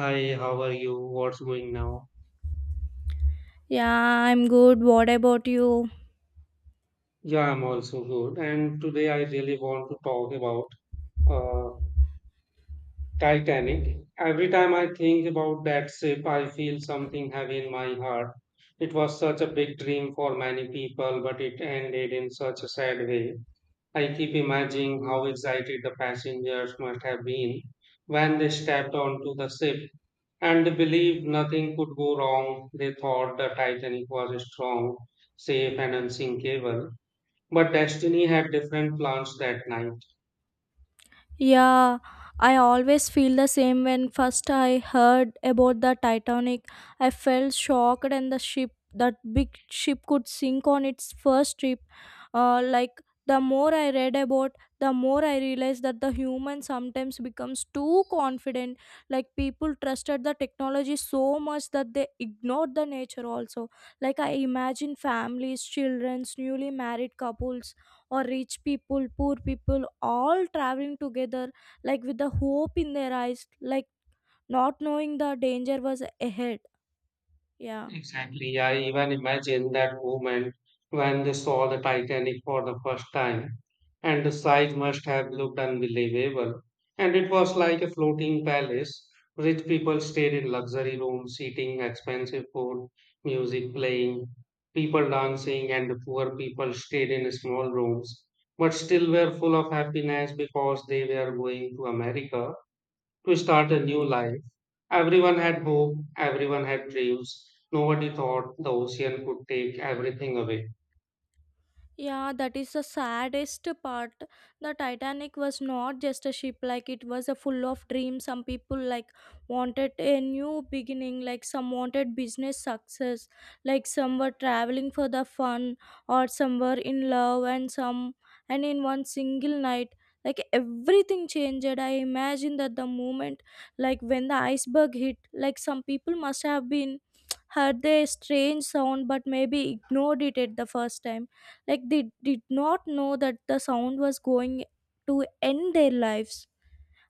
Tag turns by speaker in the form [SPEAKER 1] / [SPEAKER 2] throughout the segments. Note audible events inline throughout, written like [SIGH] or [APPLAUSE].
[SPEAKER 1] Hi, how are you? What's going now?
[SPEAKER 2] Yeah, I'm good. What about you?
[SPEAKER 1] Yeah, I'm also good. And today I really want to talk about uh, Titanic. Every time I think about that ship, I feel something heavy in my heart. It was such a big dream for many people, but it ended in such a sad way. I keep imagining how excited the passengers must have been when they stepped onto the ship and believed nothing could go wrong. They thought the Titanic was a strong, safe, and unsinkable. But destiny had different plans that night.
[SPEAKER 2] Yeah, I always feel the same when first I heard about the Titanic. I felt shocked and the ship, that big ship could sink on its first trip. Like the more I read about, the more I realized that the human sometimes becomes too confident. Like people trusted the technology so much that they ignored the nature also. Like I imagine families, children, newly married couples or rich people poor people all traveling together like with the hope in their eyes like not knowing the danger was ahead. Yeah.
[SPEAKER 1] Exactly. I even imagine that moment when they saw the Titanic for the first time, and the sight must have looked unbelievable. And it was like a floating palace. Rich people stayed in luxury rooms, eating expensive food, music playing, people dancing, and the poor people stayed in small rooms, but still were full of happiness because they were going to America to start a new life. Everyone had hope, everyone had dreams. Nobody thought the ocean could take everything away.
[SPEAKER 2] Yeah, that is the saddest part. The Titanic was not just a ship, like it was a full of dreams. Some people like wanted a new beginning, like some wanted business success, like some were traveling for the fun, or some were in love, and some and in one single night, like everything changed. I imagine that the moment, like when the iceberg hit, like some people must have been [TSK] heard the strange sound, but maybe ignored it at the first time like they did not know that the sound was going to end their lives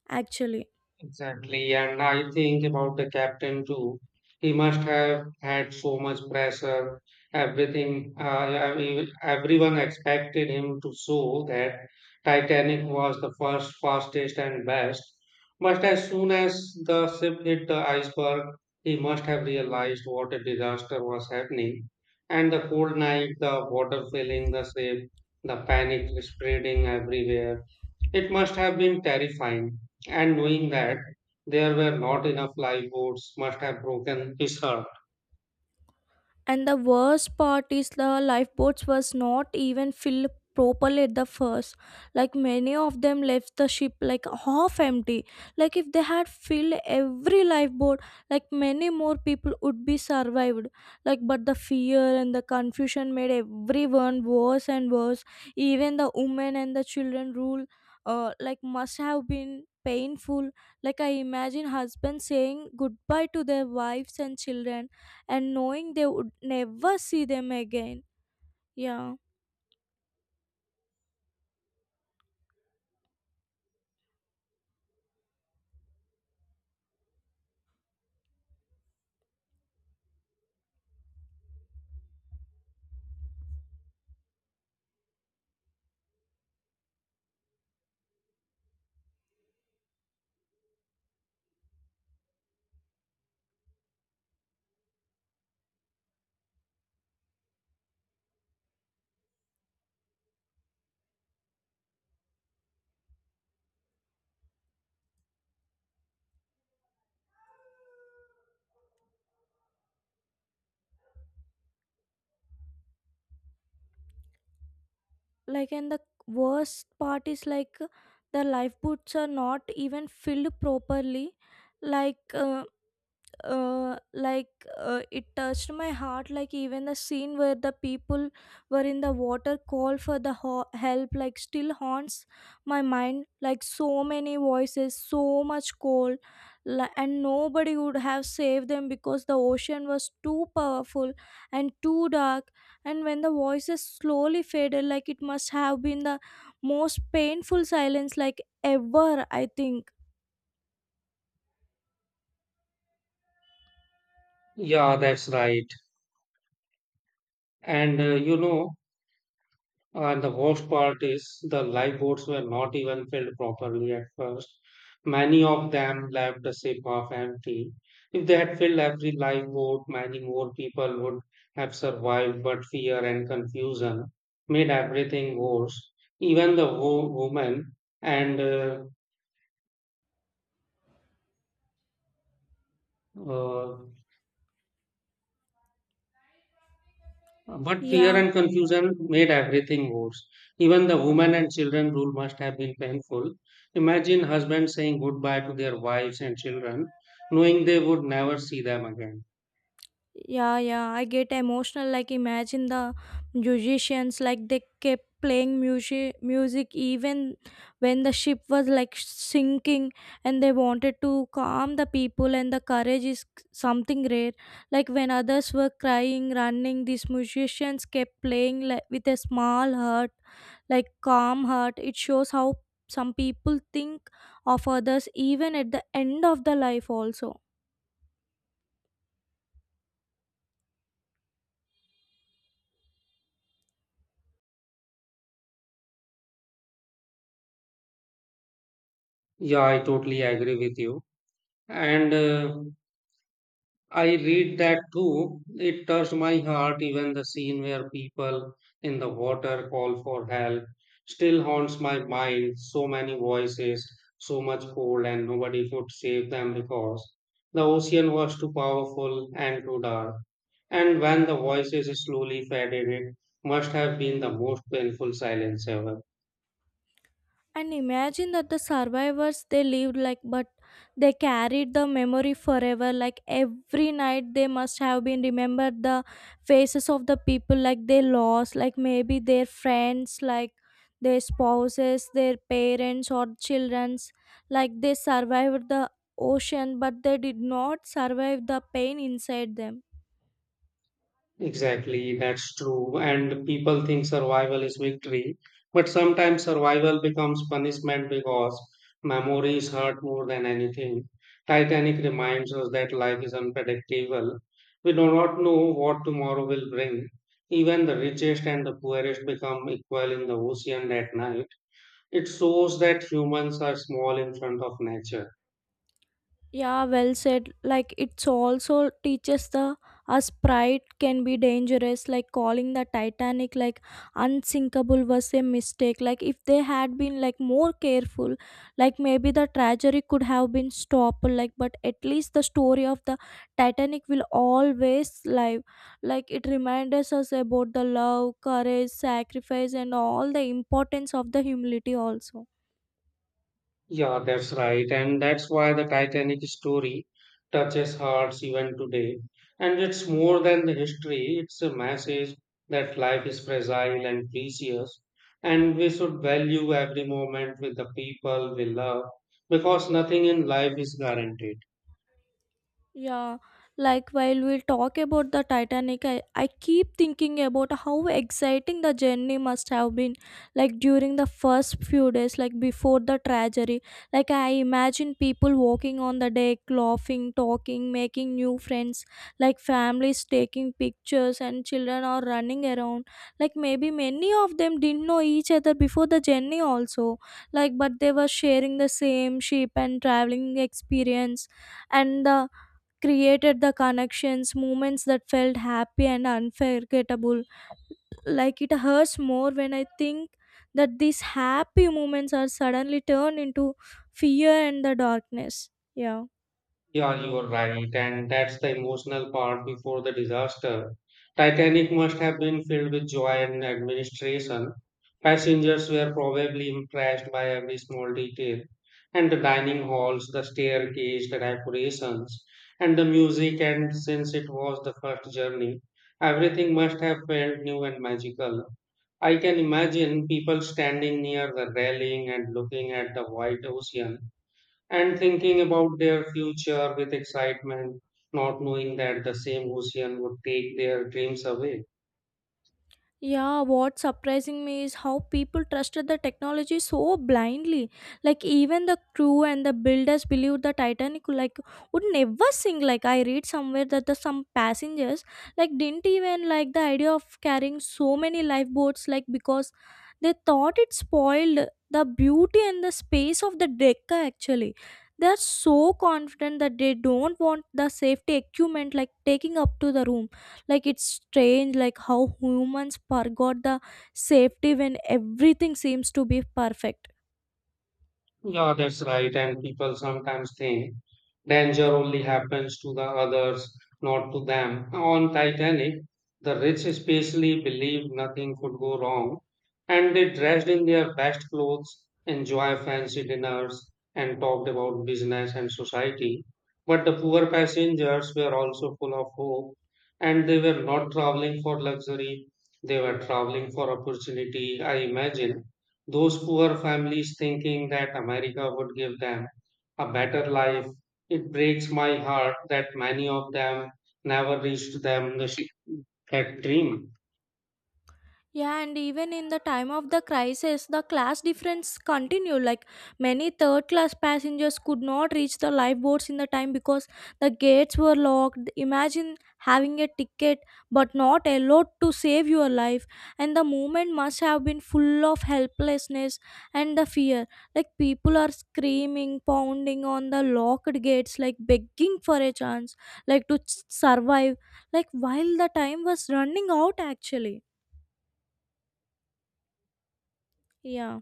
[SPEAKER 2] actually.
[SPEAKER 1] Exactly, and I think about the captain too. He must have had so much pressure. Everyone expected him to show that Titanic was the first, fastest, and best. But as soon as the ship hit the iceberg, he must have realized what a disaster was happening. And the cold night, the water filling the ship, the panic spreading everywhere. It must have been terrifying, and knowing that there were not enough lifeboats must have broken his heart.
[SPEAKER 2] And the worst part is the lifeboats was not even filled properly at the first. Like many of them left the ship like half empty. Like if they had filled every lifeboat, like many more people would be survived. Like but the fear and the confusion made everyone worse and worse. Even the women and the children rule like must have been painful. Like I imagine husbands saying goodbye to their wives and children and knowing they would never see them again. Yeah, like, and the worst part is like the lifeboats are not even filled properly. Like, uh, uh, like it touched my heart like even the scene where the people were in the water call for the help like still haunts my mind like so many voices so much call and nobody would have saved them because the ocean was too powerful and too dark and when the voices slowly faded like it must have been the most painful silence like ever I think.
[SPEAKER 1] Yeah, that's right. And the worst part is the lifeboats were not even filled properly at first. Many of them left the ship half empty. If they had filled every lifeboat, many more people would have survived, but fear and confusion made everything worse. Even the woman and uh, But fear
[SPEAKER 2] Yeah.
[SPEAKER 1] and confusion made everything worse. Even the women and children rule must have been painful. Imagine husbands saying goodbye to their wives and children, knowing they would never see them again.
[SPEAKER 2] Yeah, yeah, I get emotional. Like, imagine the musicians, like, they kept playing music even when the ship was like sinking, and they wanted to calm the people. And the courage is something rare. Like, when others were crying, running, these musicians kept playing like, with a small heart, like, calm heart. It shows how some people think of others even at the end of the life, also.
[SPEAKER 1] Yeah, I totally agree with you. And I read that too. It touched my heart, even the scene where people in the water call for help still haunts my mind. So many voices, so much cold, and nobody could save them because the ocean was too powerful and too dark. And when the voices slowly faded, it must have been the most painful silence ever.
[SPEAKER 2] And imagine that the survivors they lived like, but they carried the memory forever. Like every night, they must have been remembered the faces of the people like they lost, like maybe their friends, like their spouses, their parents, or childrens. Like they survived the ocean, but they did not survive the pain inside them.
[SPEAKER 1] Exactly, that's true. And people think survival is victory, but sometimes survival becomes punishment because memories hurt more than anything. Titanic reminds us that life is unpredictable. We do not know what tomorrow will bring. Even the richest and the poorest become equal in the ocean that night. It shows that humans are small in front of nature.
[SPEAKER 2] Yeah, well said. Like it's also teaches the us pride can be dangerous. Like calling the Titanic like unsinkable was a mistake. Like if they had been like more careful, like maybe the tragedy could have been stopped. Like but at least the story of the Titanic will always live. Like it reminds us about the love, courage, sacrifice, and all the importance of the humility also.
[SPEAKER 1] Yeah, that's right. And that's why the Titanic story touches hearts even today. And it's more than the history, it's a message that life is fragile and precious, and we should value every moment with the people we love because nothing in life is guaranteed.
[SPEAKER 2] Yeah, like while we talk about the Titanic, I keep thinking about how exciting the journey must have been. Like during the first few days, like before the tragedy, like I imagine people walking on the deck, laughing, talking, making new friends, like families taking pictures, and children are running around. Like maybe many of them didn't know each other before the journey, also. Like, but they were sharing the same ship and traveling experience, and the created the connections, moments that felt happy and unforgettable. Like it hurts more when I think that these happy moments are suddenly turned into fear and the darkness. Yeah.
[SPEAKER 1] Yeah, you are right. And that's the emotional part before the disaster. Titanic must have been filled with joy and administration. Passengers were probably impressed by every small detail. And the dining halls, the staircase, the decorations, and the music. And since it was the first journey, everything must have felt new and magical. I can imagine people standing near the railing and looking at the white ocean and thinking about their future with excitement, not knowing that the same ocean would take their dreams away.
[SPEAKER 2] Yeah, what's surprising me is how people trusted the technology so blindly. Like even the crew and the builders believed the Titanic like would never sink. Like I read somewhere that the some passengers like didn't even like the idea of carrying so many lifeboats like because they thought it spoiled the beauty and the space of the deck actually. They are so confident that they don't want the safety equipment like taking up to the room like it's strange like how humans forgot the safety when everything seems to be perfect.
[SPEAKER 1] Yeah, that's right. And people sometimes think danger only happens to the others, not to them. On Titanic, the rich especially believed nothing could go wrong, and they dressed in their best clothes, enjoy fancy dinners, and talked about business and society. But the poor passengers were also full of hope, and they were not traveling for luxury, they were traveling for opportunity, I imagine. Those poor families thinking that America would give them a better life. It breaks my heart that many of them never reached that dream.
[SPEAKER 2] Yeah, and even in the time of the crisis, the class difference continued. Like many third class passengers could not reach the lifeboats in the time because the gates were locked. Imagine having a ticket but not allowed to save your life. And the moment must have been full of helplessness and the fear. Like people are screaming, pounding on the locked gates, like begging for a chance, like to survive. Like while the time was running out, actually. Yeah.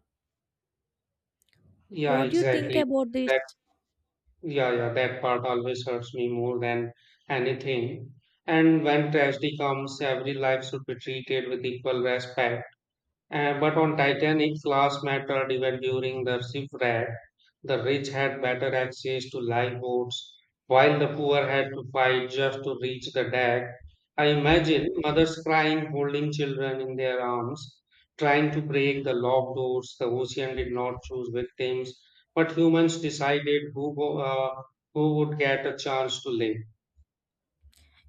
[SPEAKER 1] Yeah,
[SPEAKER 2] What do you think
[SPEAKER 1] exactly.
[SPEAKER 2] about this?
[SPEAKER 1] That yeah, that part always hurts me more than anything. And when tragedy comes, every life should be treated with equal respect. But on Titanic, class mattered even during the shipwreck. The rich had better access to lifeboats, while the poor had to fight just to reach the deck. I imagine mothers crying, holding children in their arms, trying to break the locked doors. The ocean did not choose victims, but humans decided who would get a chance to live.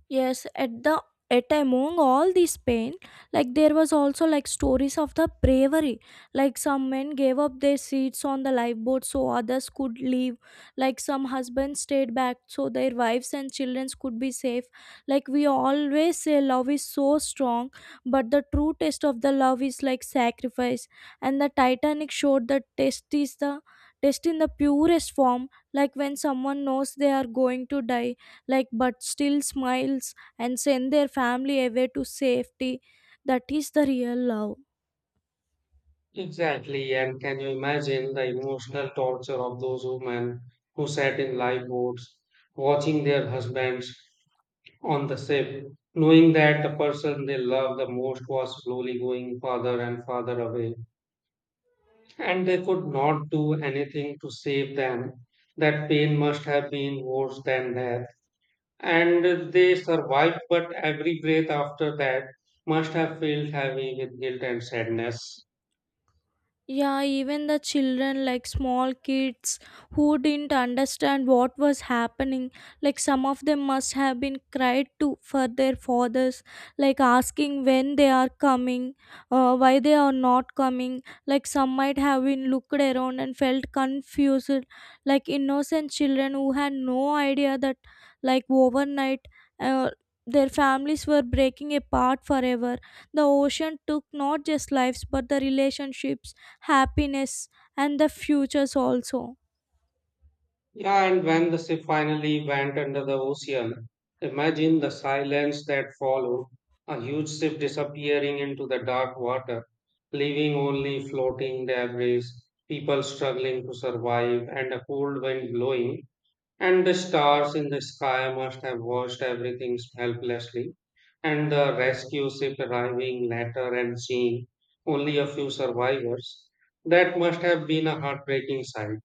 [SPEAKER 2] Yes, at among all this pain, like there was also like stories of the bravery. Like some men gave up their seats on the lifeboat so others could leave. Like some husbands stayed back so their wives and children could be safe. Like we always say love is so strong, but the true test of the love is like sacrifice. And the Titanic showed that test in the purest form, like when someone knows they are going to die like but still smiles and send their family away to safety that is the real love.
[SPEAKER 1] Exactly, and can you imagine the emotional torture of those women who sat in lifeboats, watching their husbands on the ship, knowing that the person they loved the most was slowly going farther and farther away, and they could not do anything to save them. That pain must have been worse than death. And they survived, but every breath after that must have felt heavy with guilt and sadness.
[SPEAKER 2] Yeah, even the children, like small kids who didn't understand what was happening, like some of them must have been cried to for their fathers, like asking when they are coming, why they are not coming. Like some might have been looked around and felt confused, like innocent children who had no idea that, like, overnight, uh, their families were breaking apart forever. The ocean took not just lives but the relationships, happiness, and the futures also.
[SPEAKER 1] Yeah, and when the ship finally went under the ocean, imagine the silence that followed, a huge ship disappearing into the dark water, leaving only floating debris, people struggling to survive, and a cold wind blowing, and the stars in the sky must have watched everything helplessly, and the rescue ship arriving later and seeing only a few survivors. That must have been a heartbreaking sight.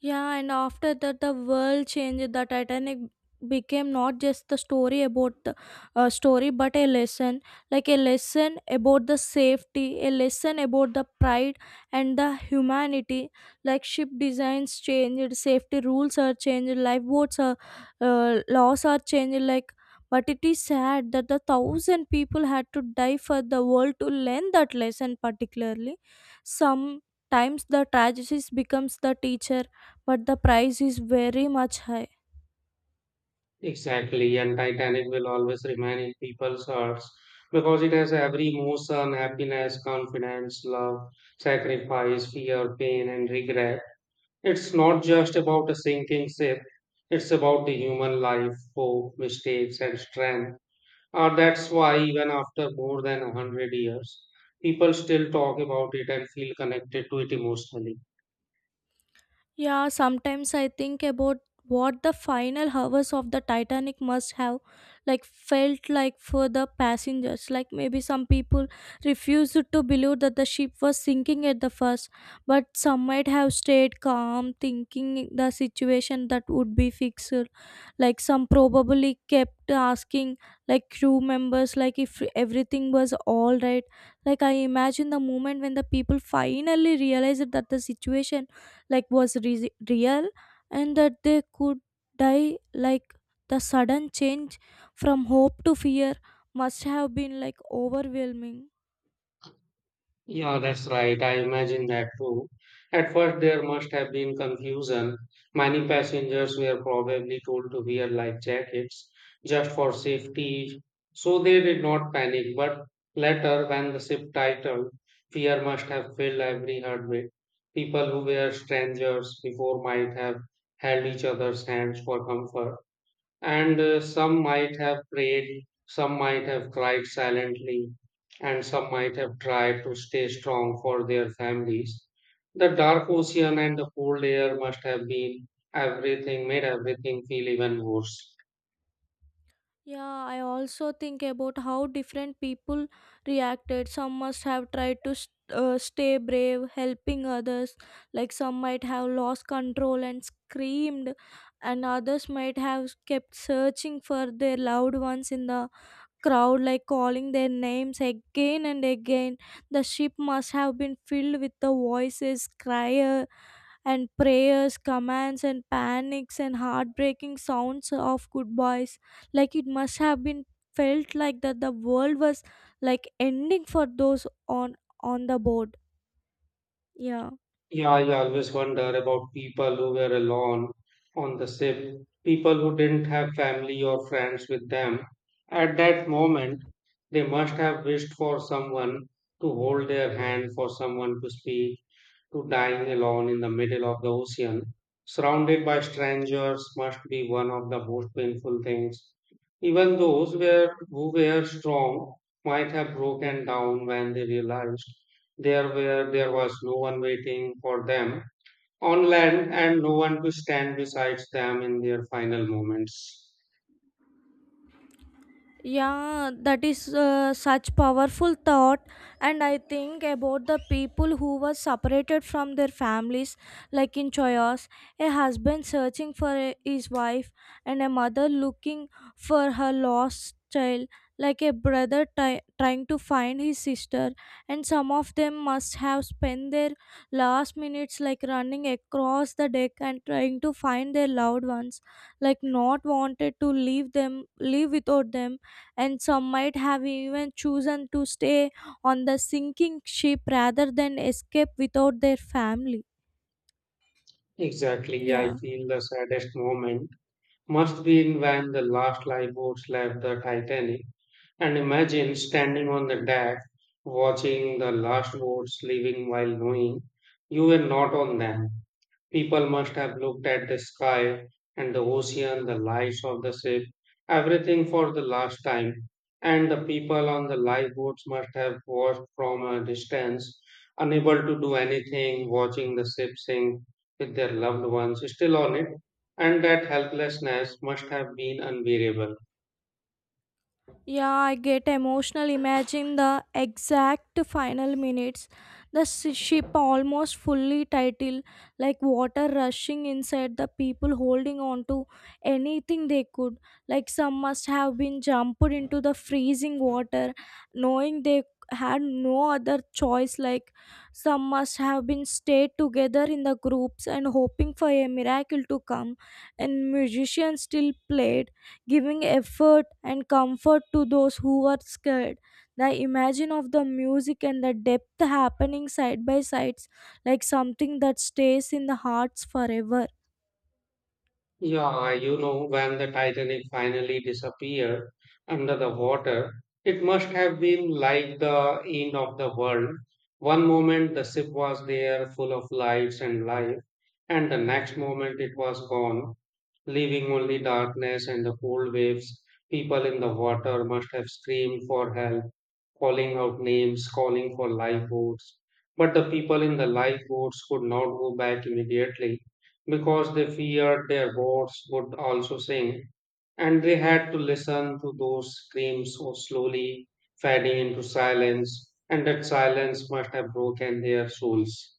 [SPEAKER 2] Yeah, and after that, the world changed. The Titanic became not just the story about the story, but a lesson, like a lesson about the safety, a lesson about the pride and the humanity. Like ship designs changed, safety rules are changed, lifeboats are laws are changed. Like, but it is sad that the thousand people had to die for the world to learn that lesson. Particularly, sometimes the tragedies becomes the teacher but the price is very much high.
[SPEAKER 1] Exactly, and Titanic will always remain in people's hearts because it has every emotion, happiness, confidence, love, sacrifice, fear, pain, and regret. It's not just about a sinking ship, it's about the human life, hope, mistakes, and strength. That's why, even after more than a hundred years, people still talk about it and feel connected to it emotionally.
[SPEAKER 2] Yeah, sometimes I think about what the final hours of the Titanic must have like felt like for the passengers. Like maybe some people refused to believe that the ship was sinking at the first, but some might have stayed calm, thinking the situation that would be fixed. Like some probably kept asking like crew members like if everything was all right. Like I imagine the moment when the people finally realized that the situation like was real and that they could die like the sudden change from hope to fear must have been like overwhelming.
[SPEAKER 1] Yeah, that's right. I imagine that too. At first, there must have been confusion. Many passengers were probably told to wear life jackets just for safety, so they did not panic. But later, when the ship titled, fear must have filled every heartbeat. People who were strangers before might have held each other's hands for comfort and some might have prayed, some might have cried silently, and some might have tried to stay strong for their families. The dark ocean and the cold air must have been everything, made everything feel even worse.
[SPEAKER 2] Yeah, I also think about how different people reacted some must have tried to stay brave helping others like some might have lost control and screamed and others might have kept searching for their loved ones in the crowd like calling their names again and again. The ship must have been filled with the voices, cry and prayers, commands and panics and heartbreaking sounds of goodbyes. Like it must have been felt like that the world was like ending for those on the board. Yeah.
[SPEAKER 1] Yeah, I always wonder about people who were alone on the ship, people who didn't have family or friends with them. At that moment, they must have wished for someone to hold their hand, for someone to speak to dying alone in the middle of the ocean, surrounded by strangers, must be one of the most painful things. Even who were strong might have broken down when they realized there was no one waiting for them on land and no one to stand beside them in their final moments.
[SPEAKER 2] Yeah that is such powerful thought and I think about the people who were separated from their families like in chaos a husband searching for his wife and a mother looking for her lost child like a brother trying to find his sister and some of them must have spent their last minutes like running across the deck and trying to find their loved ones like not wanted to leave without them and some might have even chosen to stay on the sinking ship rather than escape without their family.
[SPEAKER 1] Exactly, I
[SPEAKER 2] Yeah.
[SPEAKER 1] feel the saddest moment must be in when the last lifeboats left the Titanic. And imagine standing on the deck, watching the last boats leaving while knowing you were not on them. People must have looked at the sky and the ocean, the lights of the ship, everything for the last time. And the people on the lifeboats must have watched from a distance, unable to do anything, watching the ship sink with their loved ones still on it. And that helplessness must have been unbearable.
[SPEAKER 2] Yeah, I get emotional. Imagine the exact final minutes. The ship almost fully titled, like water rushing inside, the people holding on to anything they could. Like some must have been jumped into the freezing water, knowing they had no other choice. Like some must have been stayed together in the groups and hoping for a miracle to come. And musicians still played giving effort and comfort to those who are scared. The imagine of the music and the depth happening side by sides like something that stays in the hearts forever.
[SPEAKER 1] Yeah, you know, when the Titanic finally disappeared under the water, it must have been like the end of the world. One moment the ship was there full of lights and life, and the next moment it was gone, leaving only darkness and the cold waves. People in the water must have screamed for help, calling out names, calling for lifeboats. But the people in the lifeboats could not go back immediately because they feared their boats would also sink, and they had to listen to those screams so slowly fading into silence, and that silence must have broken their souls.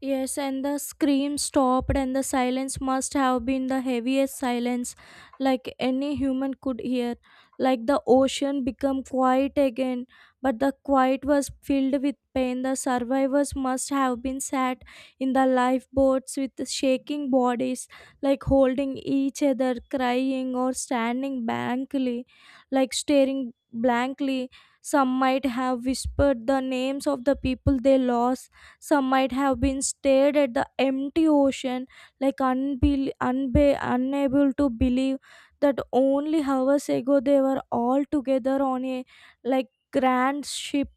[SPEAKER 2] Yes, and the scream stopped, and the silence must have been the heaviest silence like any human could hear. Like the ocean became quiet again, but the quiet was filled with pain. The survivors must have been sat in the lifeboats with shaking bodies, like holding each other, crying, or standing blankly, like staring blankly. Some might have whispered the names of the people they lost. Some might have been stared at the empty ocean, like unable to believe that only hours ago they were all together on a like grand ship.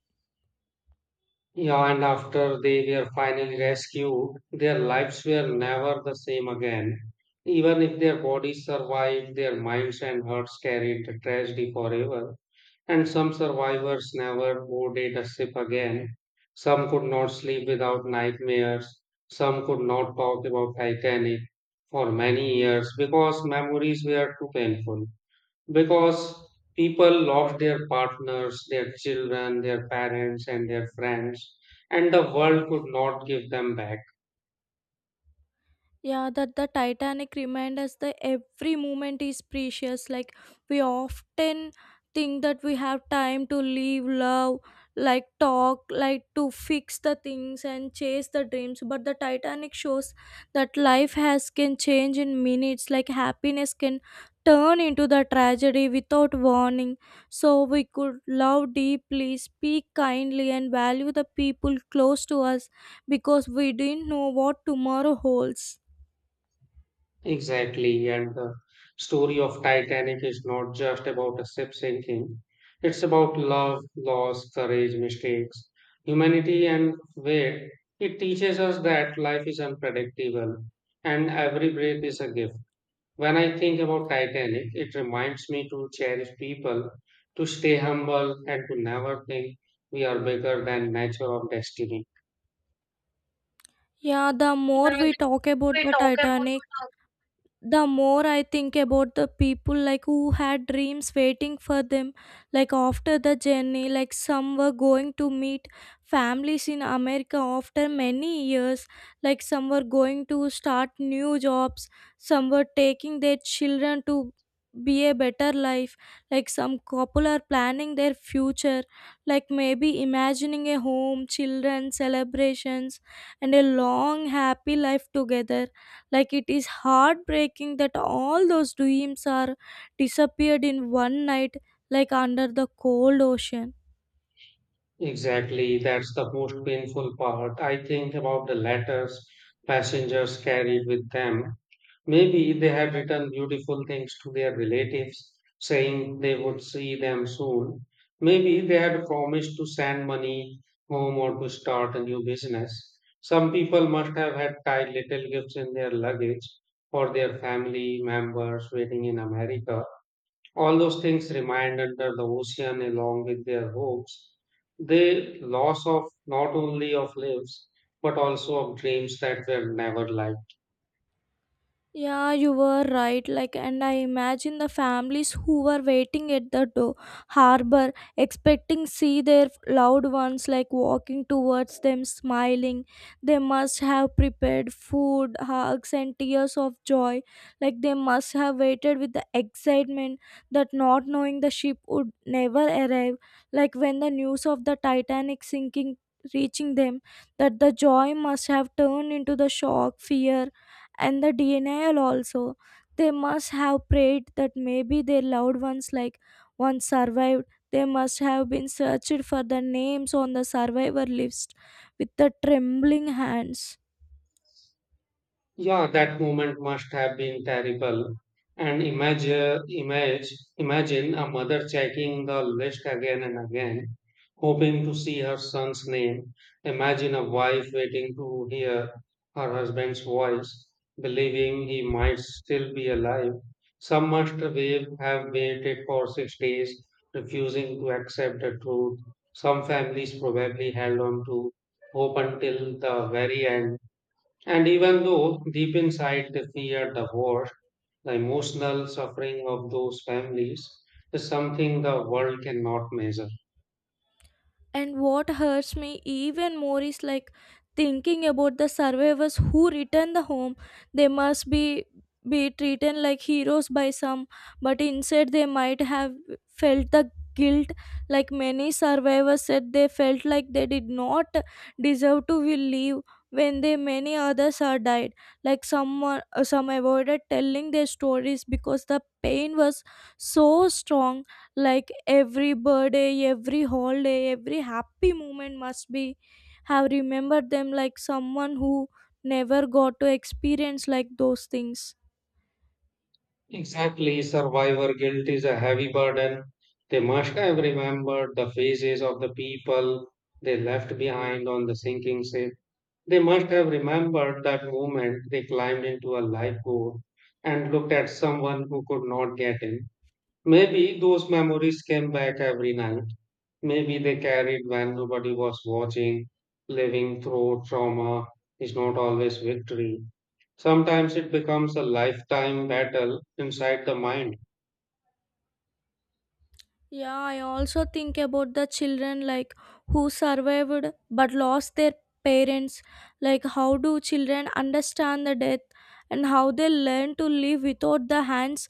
[SPEAKER 1] Yeah, and after they were finally rescued, their lives were never the same again. Even if their bodies survived, their minds and hearts carried the tragedy forever. And some survivors never boarded a ship again. Some could not sleep without nightmares. Some could not talk about Titanic for many years because memories were too painful because people lost their partners, their children, their parents, and their friends, and the world could not give them back.
[SPEAKER 2] Yeah, that the Titanic reminds us that every moment is precious. Like we often think that we have time to live, love, like talk, like to fix the things and chase the dreams. But the Titanic shows that life has can change in minutes. Like happiness can turn into the tragedy without warning. So we could love deeply, speak kindly, and value the people close to us because we didn't know what tomorrow holds.
[SPEAKER 1] Exactly. And the story of Titanic is not just about a ship sinking, it's about love, loss, courage, mistakes, humanity, and weight. It teaches us that life is unpredictable and every breath is a gift. When I think about Titanic, it reminds me to cherish people, to stay humble, and to never think we are bigger than nature or destiny.
[SPEAKER 2] Yeah, the more
[SPEAKER 1] Yeah,
[SPEAKER 2] we
[SPEAKER 1] the
[SPEAKER 2] talk about
[SPEAKER 1] we
[SPEAKER 2] the
[SPEAKER 1] talk
[SPEAKER 2] Titanic,
[SPEAKER 1] about
[SPEAKER 2] the more I think about the people like who had dreams waiting for them, like after the journey, like some were going to meet families in America after many years, like some were going to start new jobs, some were taking their children to be a better life, like some couple are planning their future, like maybe imagining a home, children, celebrations, and a long happy life together. Like it is heartbreaking that all those dreams are disappeared in one night, like under the cold ocean.
[SPEAKER 1] Exactly, that's the most painful part. I think about the letters passengers carried with them. Maybe they had written beautiful things to their relatives, saying they would see them soon. Maybe they had promised to send money home or to start a new business. Some people must have had tied little gifts in their luggage for their family members waiting in America. All those things remained under the ocean along with their hopes. The loss of not only of lives, but also of dreams that were never life.
[SPEAKER 2] Yeah, you were right. Like, and I imagine the families who were waiting at the door, harbor, expecting see their loved ones like walking towards them, smiling. They must have prepared food, hugs, and tears of joy. Like they must have waited with the excitement that not knowing the ship would never arrive. Like when the news of the Titanic sinking reaching them, that the joy must have turned into the shock, fear, and the denial also. They must have prayed that maybe their loved ones, like once survived, they must have been searched for the names on the survivor list with the trembling hands.
[SPEAKER 1] Yeah, that moment must have been terrible. And imagine a mother checking the list again and again, hoping to see her son's name. Imagine a wife waiting to hear her husband's voice, believing he might still be alive. Some must have waited for 6 days, refusing to accept the truth. Some families probably held on to hope until the very end, and even though deep inside they fear the worst, the emotional suffering of those families is something the world cannot measure.
[SPEAKER 2] And what hurts me even more is like thinking about the survivors who return the home. They must be treated like heroes by some, but instead they might have felt the guilt. Like many survivors said they felt like they did not deserve to will live when they many others are died. Like some avoided telling their stories because the pain was so strong. Like every birthday, every holiday, every happy moment must be have remembered them like someone who never got to experience like those things.
[SPEAKER 1] Exactly, survivor guilt is a heavy burden. They must have remembered the faces of the people they left behind on the sinking ship. They must have remembered that moment they climbed into a lifeboat and looked at someone who could not get in. Maybe those memories came back every night. Maybe they carried when nobody was watching. Living through trauma is not always victory. Sometimes it becomes a lifetime battle inside the mind.
[SPEAKER 2] Yeah, I also think about the children like who survived but lost their parents. Like how do children understand the death, and how they learn to live without the hands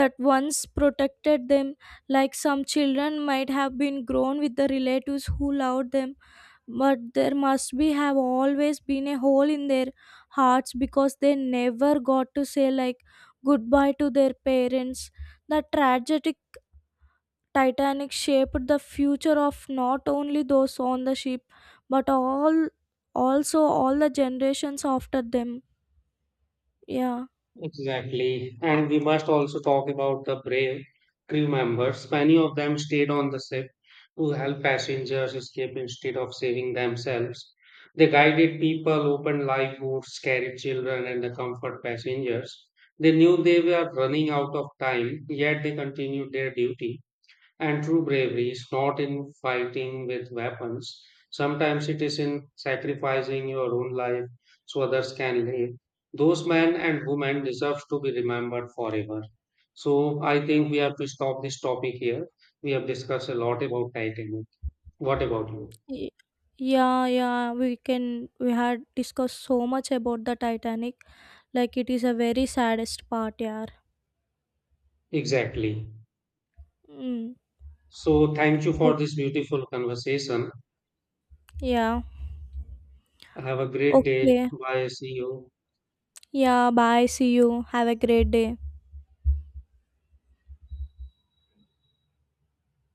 [SPEAKER 2] that once protected them. Like some children might have been grown with the relatives who loved them, but there must be have always been a hole in their hearts because they never got to say like goodbye to their parents. The tragic Titanic shaped the future of not only those on the ship but all, also all the generations after them. Yeah.
[SPEAKER 1] Exactly. And we must also talk about the brave crew members. Many of them stayed on the ship to help passengers escape instead of saving themselves. They guided people, opened lifeboats, carried children, and the comfort passengers. They knew they were running out of time, yet they continued their duty. And true bravery is not in fighting with weapons. Sometimes it is in sacrificing your own life so others can live. Those men and women deserve to be remembered forever. So I think we have to stop this topic here. We have discussed a lot about Titanic. What about you?
[SPEAKER 2] Y- yeah we can, we had discussed so much about the Titanic. Like it is a very saddest part, yeah.
[SPEAKER 1] Exactly.
[SPEAKER 2] Mm.
[SPEAKER 1] So thank you for
[SPEAKER 2] Oh,
[SPEAKER 1] this beautiful conversation.
[SPEAKER 2] yeah.
[SPEAKER 1] Have a great day.
[SPEAKER 2] Okay.
[SPEAKER 1] Bye. See you.
[SPEAKER 2] Yeah, bye. See you. Have a great day.